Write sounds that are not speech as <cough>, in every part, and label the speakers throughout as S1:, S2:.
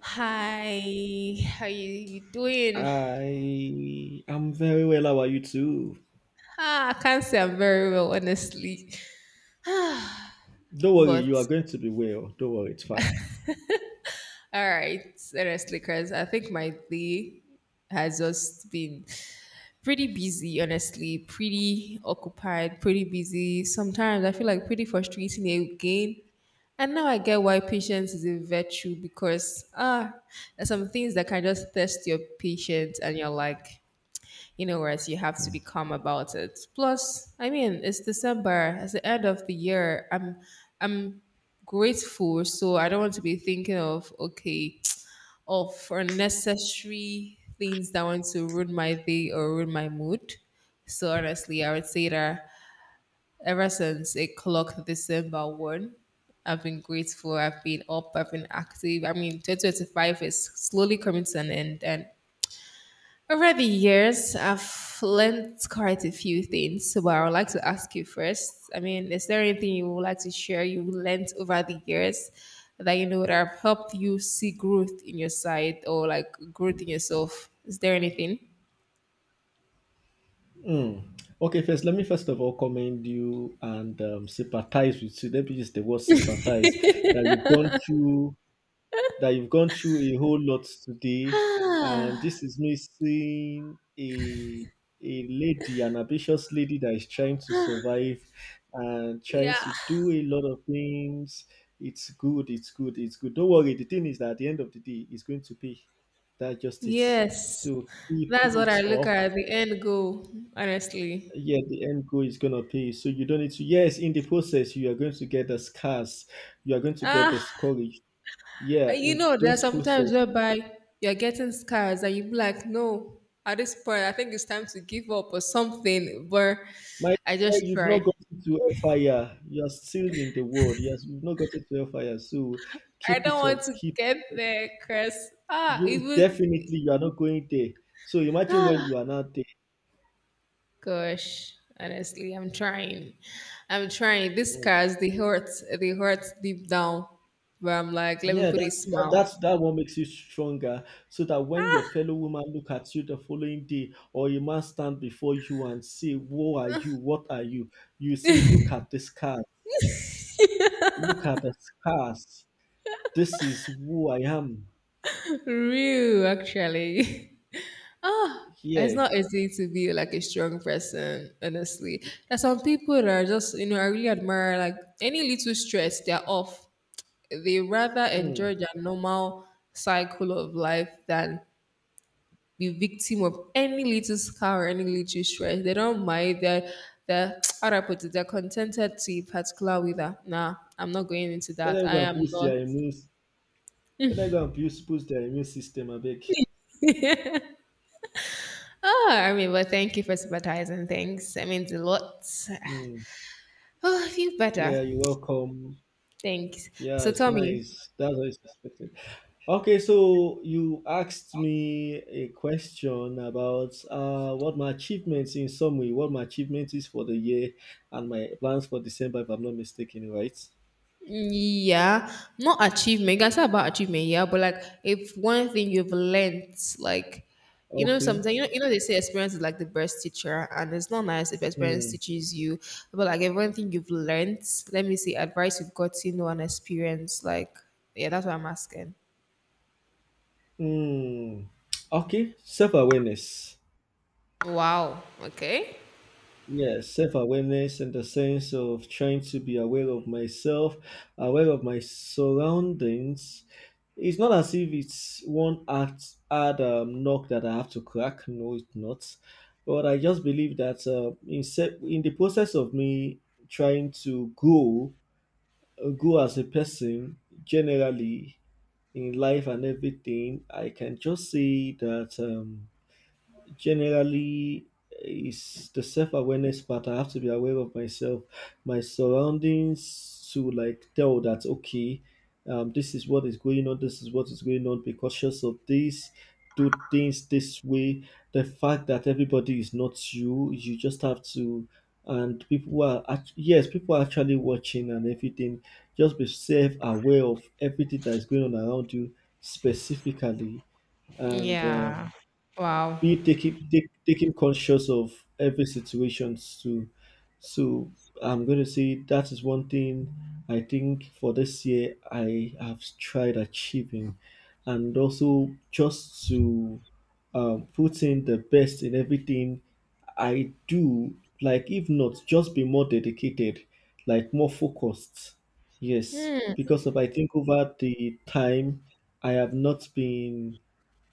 S1: Hi, how you doing?
S2: I am very well. How are you too?
S1: Ah, I can't say I'm very well, honestly.
S2: Don't worry, you
S1: But
S2: are going to be well. Don't worry, it's fine.
S1: all right, honestly, because I think my day has just been pretty busy, honestly, pretty occupied, pretty busy. Sometimes I feel like pretty frustrating again. And now I get why patience is a virtue because there's some things that can just test your patience, and you're like, you know, whereas you have to be calm about it. Plus, I mean, it's December, it's the end of the year. I'm grateful, so I don't want to be thinking of okay, <tsk> of unnecessary things that want to ruin my day or ruin my mood. So honestly, I would say that ever since it clocked December 1st, I've been grateful. I've been up. I've been active. I mean, 2025 is slowly coming to an end, and over the years, I've learned quite a few things. So, but I would like to ask you first. I mean, is there anything you would like to share you learned over the years that you know that have helped you see growth in your side or like growth in yourself? Is there anything?
S2: Mm. Okay, first, let me first of all commend you and sympathize with you. Let me use the word sympathize that you've gone through a whole lot today, and this is me seeing a lady, an ambitious lady that is trying to survive and trying
S1: Yeah.
S2: to do a lot of things. It's good, it's good, it's good. Don't worry, the thing is that at the end of the day, it's going to pay. That just it.
S1: Yes.
S2: So keep
S1: That's what
S2: it
S1: I look
S2: up.
S1: at the end goal, honestly.
S2: Yeah, the end goal is gonna pay. So you don't need to. Yes, in the process, you are going to get the scars. You are going to get the
S1: Ah,
S2: courage. Yeah,
S1: and you
S2: in
S1: know, there are
S2: those
S1: some times
S2: process.
S1: whereby you're getting scars and you be like, no, at this point, I think it's time to give up or something. But
S2: My
S1: I
S2: dear,
S1: just
S2: you've not
S1: try.
S2: gotten to hellfire. You are still in the world. Yes, you've not gotten to hellfire. So
S1: I
S2: keep
S1: don't
S2: it up.
S1: want to
S2: Keep
S1: get there, Chris. Ah,
S2: you
S1: even,
S2: definitely you are not going there. So imagine when you are not there.
S1: gosh, honestly, I'm trying. I'm trying. These
S2: Mm.
S1: scars, they hurt. They hurt deep down. But I'm like, let me
S2: Yeah,
S1: put a
S2: that's that
S1: smile.
S2: what makes you stronger. So that when your fellow woman look at you the following day, or a man stand before you and say, "Who are you? What are you?" You say, "Look at the scars. Look at the scars. This is who I am."
S1: <laughs> Real, actually. <laughs> It's
S2: Yeah.
S1: not easy to be like a strong person, honestly. There's some people that are just, you know, I really admire like any little stress, they're off. They rather
S2: Mm.
S1: enjoy their normal cycle of life than be victim of any little scar or any little stress. They don't mind. They're <tsk> how do I put it? They're contented to a particular with that. Nah, I'm not going into
S2: Let
S1: that.
S2: them
S1: I
S2: go and
S1: am
S2: boost
S1: not.
S2: their immune. Let them go and boost, boost their immune system a bit.
S1: Ah, I mean, but thank you for sympathizing. Thanks. That means a lot. <sighs>
S2: Mm.
S1: Oh, I feel better.
S2: Yeah, you're welcome.
S1: Thanks.
S2: Yeah,
S1: So
S2: it's
S1: tell me,
S2: nice. That's what is expected. Okay, so you asked me a question about what my achievements in summary, what my achievement is for the year and my plans for December, if I'm not mistaken, right?
S1: yeah, not achievement. You can say about achievement, yeah, but like if one thing you've learned, like you know,
S2: Okay.
S1: sometimes they say experience is like the best teacher, and it's not nice if experience
S2: Mm.
S1: teaches you. But like if one thing you've learned, let me see, advice you've gotten or an experience, like yeah, that's what I'm asking.
S2: Mm. Okay, self awareness.
S1: Wow. Okay.
S2: Yes, self awareness and the sense of trying to be aware of myself, aware of my surroundings. It's not as if it's one act hard knock that I have to crack. No, it's not. But I just believe that in the process of me trying to grow, grow as a person generally in life and everything, I can just say that. Generally is the self-awareness part. I have to be aware of myself, my surroundings, to like tell that okay, this is what is going on, this is what is going on, be cautious of this, do things this way. The fact that everybody is not you, you just have to, and yes, people are actually watching and everything. Just be self-aware of everything that is going on around you specifically, and
S1: Yeah. Wow.
S2: you take him take, take him conscious of every situation. So I'm going to say that is one thing I think for this year I have tried achieving, and also just to put in the best in everything I do, like if not just be more dedicated, like more focused. Yes,
S1: Hmm.
S2: because of I think over the time I have not been,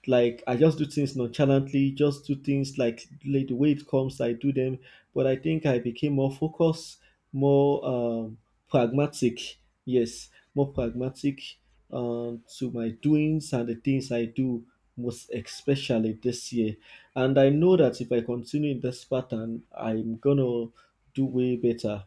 S2: like, I just do things nonchalantly, just do things like the way it comes, I do them. But I think I became more focused, more pragmatic. Yes, more pragmatic to my doings and the things I do, most especially this year. And I know that if I continue in this pattern, I'm gonna do way better.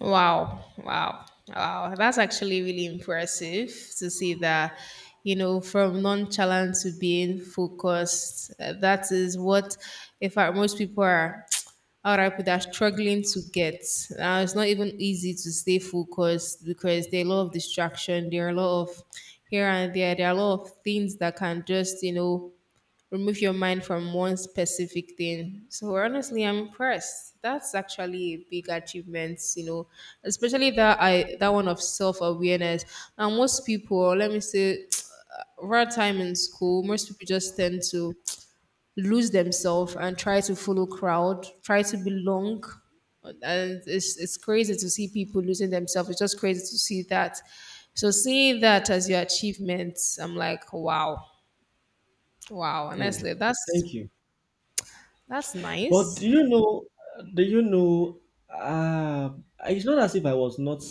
S1: Wow, wow, wow. That's actually really impressive to see that, you know, from nonchalant to being focused. That is what, in fact, most people are, <tsk> how do I put that, struggling to get. It's not even easy to stay focused because there are a lot of distraction, there are a lot of here and there are a lot of things that can just, you know, remove your mind from one specific thing. So honestly, I'm impressed. That's actually a big achievement, you know, especially that I that one of self awareness. Now most people, let me say, <tsk> around time in school, most people just tend to lose themselves and try to follow crowd, try to belong. And it's crazy to see people losing themselves. It's just crazy to see that. So seeing that as your achievements, I'm like, wow, wow.
S2: Hmm.
S1: Honestly, that's
S2: Thank you.
S1: That's
S2: But do
S1: nice.
S2: you know? Do you know? Uh, it's not as if I was not.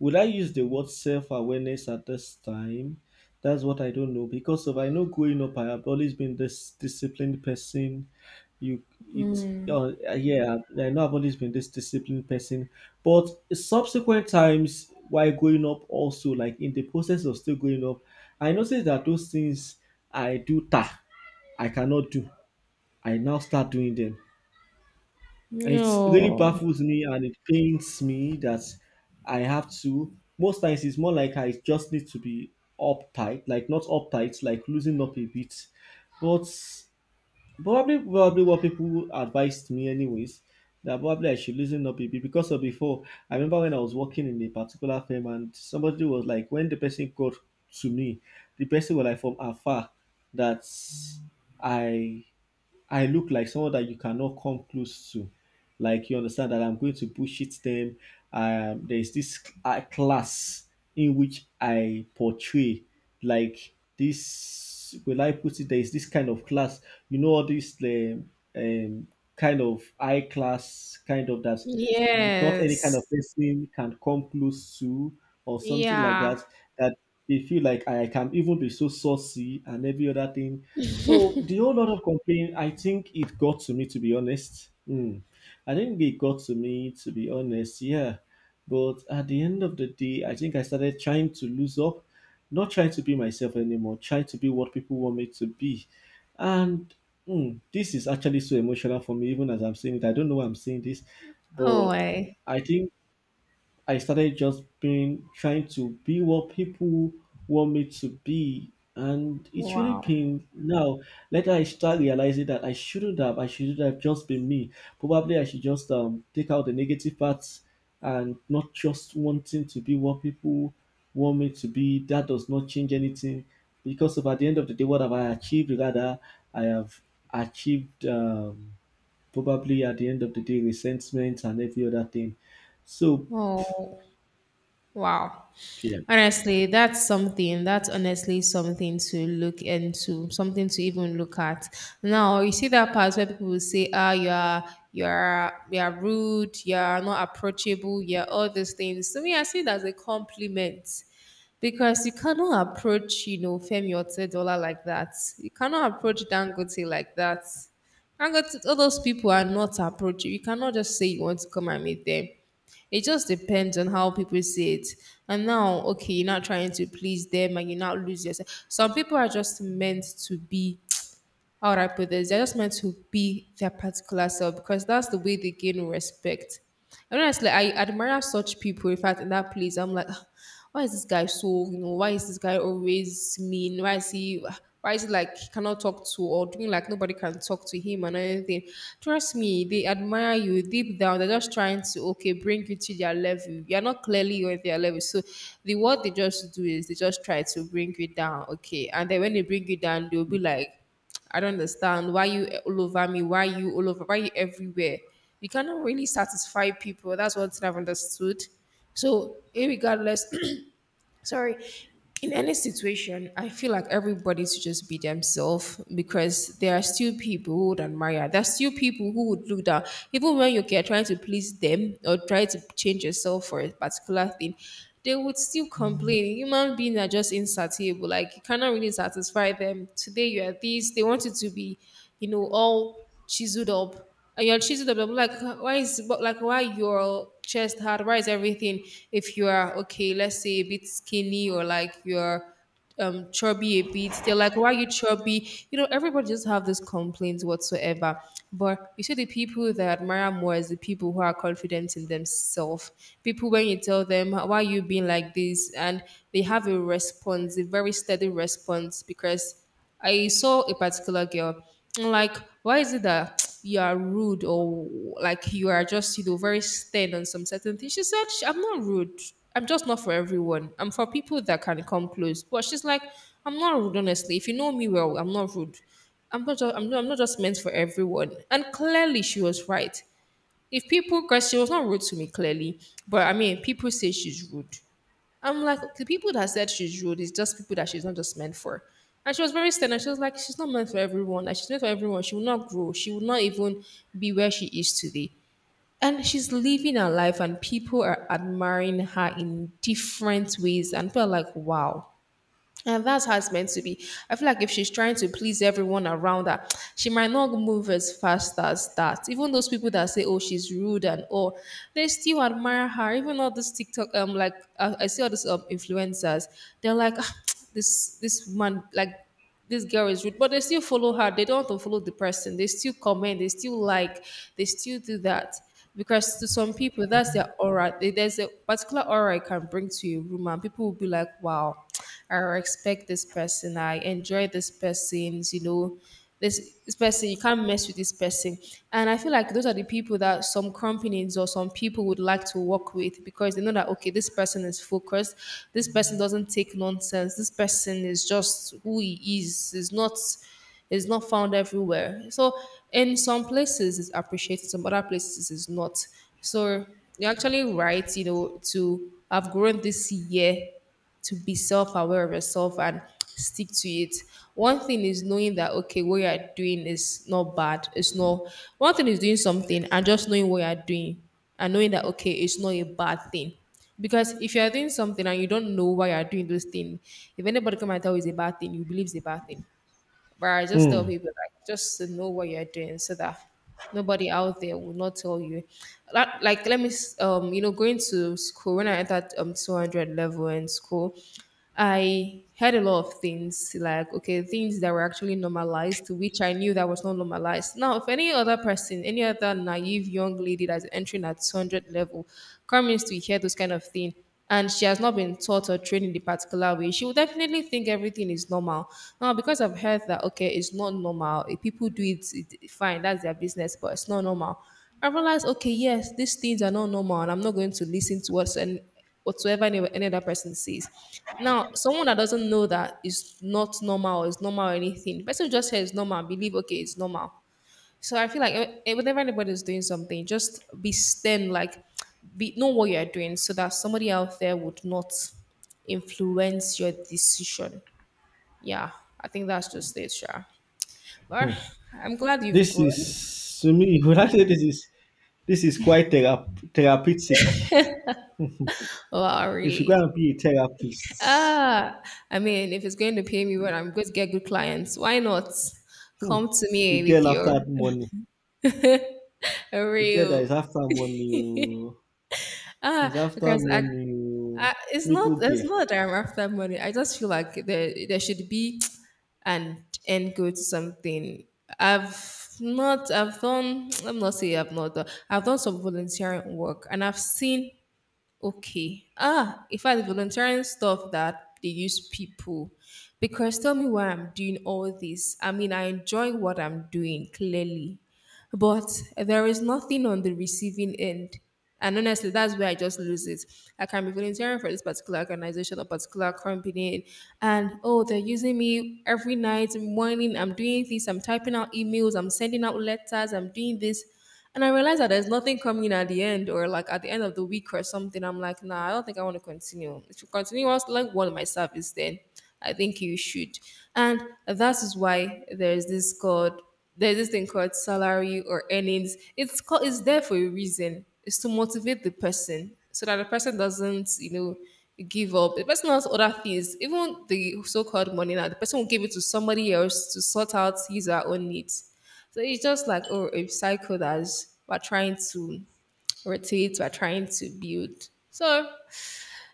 S2: Would I use the word self-awareness at this time? That's what I don't know, because if I know growing up, I have always been this disciplined person. Yeah, I know I've always been this disciplined person. But subsequent times while growing up, also like in the process of still growing up, I noticed that those things I do, I cannot do. I now start doing them, and it really
S1: No.
S2: baffles me and it pains me that I have to. Most times it's more like I just need to be uptight, like not uptight, like loosening up a bit. But probably what people advised me, anyways, that probably I should loosen up a bit because of before. I remember when I was working in a particular firm and somebody was like, when the person got to me, the person was like from afar that I I look like someone that you cannot come close to. Like you understand that I'm going to bullshit them. There's this class in which I portray, like, this. Will I put it? There is this kind of class. You know all this um, kind of high class kind of that. You, not any kind
S1: Yes.
S2: of person can come close to or something like
S1: Yeah.
S2: that. That they feel like I can even be so saucy and every other thing, so the whole lot of complaint, I think it got to me, to be honest. Hmm. I think it got to me, to be honest, yeah. But at the end of the day, I think I started trying to lose up, not trying to be myself anymore, trying to be what people want me to be. And hmm, this is actually so emotional for me, even as I'm saying it. I don't know why I'm saying this,
S1: Oh,
S2: but
S1: way.
S2: I think I started just being trying to be what people want me to be, and it's really
S1: Wow.
S2: been now. Later, I start realizing that I shouldn't have. I shouldn't have just been me. Probably, I should just take out the negative parts and not just wanting to be what people want me to be. That does not change anything because of at the end of the day, what have I achieved? Rather, I have achieved probably at the end of the day resentment and every other thing. So
S1: Oh, wow.
S2: yeah.
S1: Honestly, that's something. That's honestly something to look into, something to even look at. Now you see that part where people will say, "Ah, you are rude. You are not approachable. You are all these things." To me, I see it as a compliment because you cannot approach, you know, Femi Otedola like that. You cannot approach Dangote like that. Dangote, all those people are not approachable. You cannot just say you want to come and meet them. It just depends on how people see it. And now, okay, you're not trying to please them and you not lose yourself. Some people are just meant to be how would I put this? They're just meant to be their particular self because that's the way they gain respect. And honestly, I admire such people. In fact, in that place, I'm like, "Ah, why is this guy so, you know, why is this guy always mean? Why is he like, he cannot talk to or doing like nobody can talk to him and anything? Trust me, they admire you deep down. They're just trying to, okay, bring you to their level. You're not clearly on their level. So the what they just do is they just try to bring you down, okay? And then when they bring you down, they'll be like, I don't understand why you all over me, why you all over, why you everywhere. You cannot really satisfy people. That's what I've understood. So, irregardless, <clears throat> sorry, in any situation I feel like everybody should just be themselves because there are still people who would admire, there's still people who would look down even when you are trying to please them or try to change yourself for a particular thing. They would still complain. Human beings are just insatiable. Like you cannot really satisfy them. Today you are this, they want you to be, you know, all chiseled up, and you're choosing the blah, blah, blah, like why is, but like why your chest hard, why is everything? If you are okay, let's say a bit skinny or like you're chubby a bit, they're like, why are you chubby? You know, everybody just have these complaints whatsoever. But you see, the people that I admire more is the people who are confident in themselves, people when you tell them why are you being like this, and they have a response, a very steady response. Because I saw a particular girl. I'm like, why is it that <tsk> you are rude or like you are just, you know, very stern on some certain things? She said, "Sh- I'm not rude. I'm just not for everyone. I'm for people that can come close." But she's like, I'm not rude, honestly. If you know me well, I'm not rude. I'm not just meant for everyone. And clearly she was right. If people, because she was not rude to me clearly, but I mean, people say she's rude. I'm like, the people that said she's rude is just people that she's not just meant for. And she was very stern. And she was like, she's not meant for everyone. Like, she's meant for everyone. She will not grow. She will not even be where she is today. And she's living her life, and people are admiring her in different ways. And people are like, wow. And that's how it's meant to be. I feel like if she's trying to please everyone around her, <tsk> she might not move as fast as that. Even those people that say, "Oh, she's rude" and all, they still admire her. Even all those TikTok, like I see all these influencers, they're like, "Ah, <tsk> this man, like this girl is rude," but they still follow her. They don't want to follow the person. They still comment. They still like. They still do that because to some people, that's their aura. They- There's a particular aura it can bring to a room, and people will be like, "Wow. I respect this person. I enjoy this person. You know, this person, you can't mess with this person." And I feel like those are the people that some companies or some people would like to work with because they know that, okay, this person is focused. This person doesn't take nonsense. This person is just who he is not found everywhere. So in some places it's appreciated, some other places it's not. So you're actually right, you know, to have grown this year to be self-aware of yourself and stick to it. One thing is knowing that okay, what you are doing is not bad. It's not one thing is doing something and just knowing what you are doing and knowing that okay, it's not a bad thing. Because if you are doing something and you don't know why you are doing those things, if anybody come and tell you it's a bad thing, you believe it's a bad thing. But I just tell
S2: Hmm.
S1: people like just to know what you're doing so that nobody out there will not tell you. That, like let me s- you know going to school when I entered 200 level in school, I heard a lot of things like okay, things that were actually normalized, to which I knew that was not normalized. Now, if any other person, any other naive young lady that's entering at 200 level, comes to hear those kind of thing and she has not been taught or trained in the particular way, she will definitely think everything is normal. Now, because I've heard that, okay, it's not normal. If people do it, it fine, that's their business, but it's not normal. I realized, okay, yes, these things are not normal, and I'm not going to listen to what's and whatsoever any other person says. Now, someone that doesn't know that is not normal or is normal or anything, the person who just says normal, believe okay, it's normal. So I feel like whenever anybody's doing something, just be stern, like be know what you're doing so that somebody out there would not influence your decision. Yeah, I think that's just it, Sha. But I'm glad you've
S2: This
S1: grown.
S2: is to me. <laughs> When I say this is quite therapeutic.
S1: Wow,
S2: If should go
S1: really?
S2: and be a therapist.
S1: Ah, I mean, if it's going to pay me well, I'm going to get good clients. Why not?
S2: Hmm.
S1: Come to
S2: The
S1: me with
S2: girl
S1: your
S2: after money.
S1: <laughs>
S2: The girl that is
S1: real.
S2: after money. Oh.
S1: Ah,
S2: Is after
S1: because I,
S2: money. Oh.
S1: It's not.
S2: People
S1: It's
S2: gay.
S1: not that I'm after money. I just feel like there should be an end goal to something. I've not. I've done. Let me not say I've not done. I've done some volunteering work, and I've seen. Okay, ah, in fact, the volunteering stuff that they use people, because tell me why I'm doing all this. I mean, I enjoy what I'm doing clearly, but there is nothing on the receiving end. And honestly, that's where I just lose it. I can be volunteering for this particular organization or particular company, and oh, they're using me every night, morning. I'm doing this, I'm typing out emails, I'm sending out letters, I'm doing this. And I realize that there's nothing coming at the end or like at the end of the week or something. I'm like, nah, I don't think I want to continue. If you continue, I was like one of my service then. I think you should. And that is why there's this thing called salary or earnings. It's called, it's there for a reason. It's to motivate the person so that the person doesn't, give up. The person has other things, even the so-called money now. The person will give it to somebody else to sort out his or her own needs. So it's just like oh, a cycle that we're trying to rotate, we're trying to build. So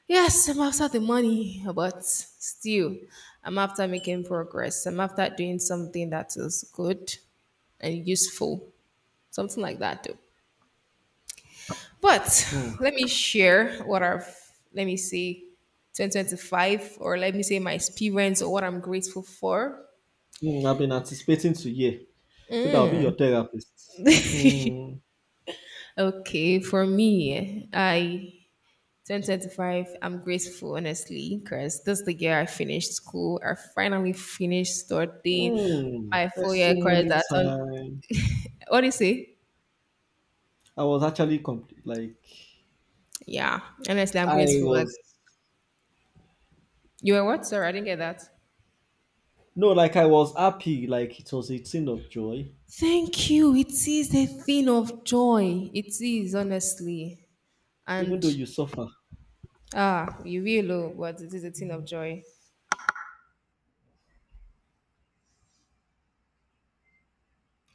S1: yes, I'm after the money, but still, I'm after making progress. I'm after doing something that is good and useful, something like that, though. But
S2: Hmm.
S1: let me share what I've, let me say, 2025, or let me say my experience or what I'm grateful for.
S2: Hmm. I've been anticipating to hear. So that will be your therapist. Hmm.
S1: Okay, for me, I 2025, I'm grateful honestly, because this is the year I finished school. I finally finished studying
S2: Hmm.
S1: my 4 year course
S2: Testimony
S1: that on.
S2: time.
S1: What do you say?
S2: I was actually complete. Like
S1: Yeah, honestly, I'm
S2: I
S1: grateful. Like
S2: was.
S1: you were what? Sorry, I didn't get that.
S2: No, like I was happy, like it was a thing of joy,
S1: Thank you. It is a thing of joy. It is honestly,
S2: even
S1: and
S2: though you suffer.
S1: ah, you will, oh, but it is a thing of joy.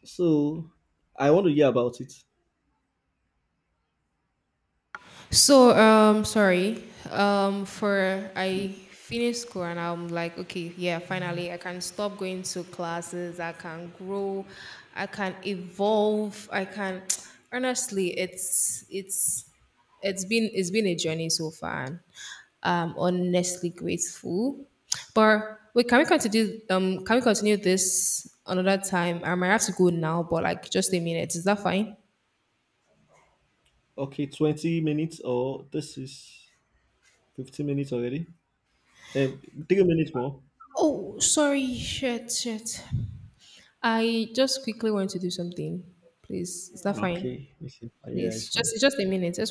S2: So I want to hear about it.
S1: So, sorry. For I finished school and I'm like, okay, yeah, finally I can stop going to classes. I can grow. I can evolve. I can. <tsk> Honestly, it's been a journey so far. And I'm honestly grateful. But wait, can we continue? Can we continue this another time? I might have to go now, but like just a minute. Is that fine?
S2: Okay, 20 minutes or this is 15 minutes already. Um, 3 minutes more.
S1: Oh, sorry, shit, shit. I just quickly want to do something. Please, is that fine?
S2: Okay, it's- yeah, it's
S1: Please,
S2: fine.
S1: just a minute.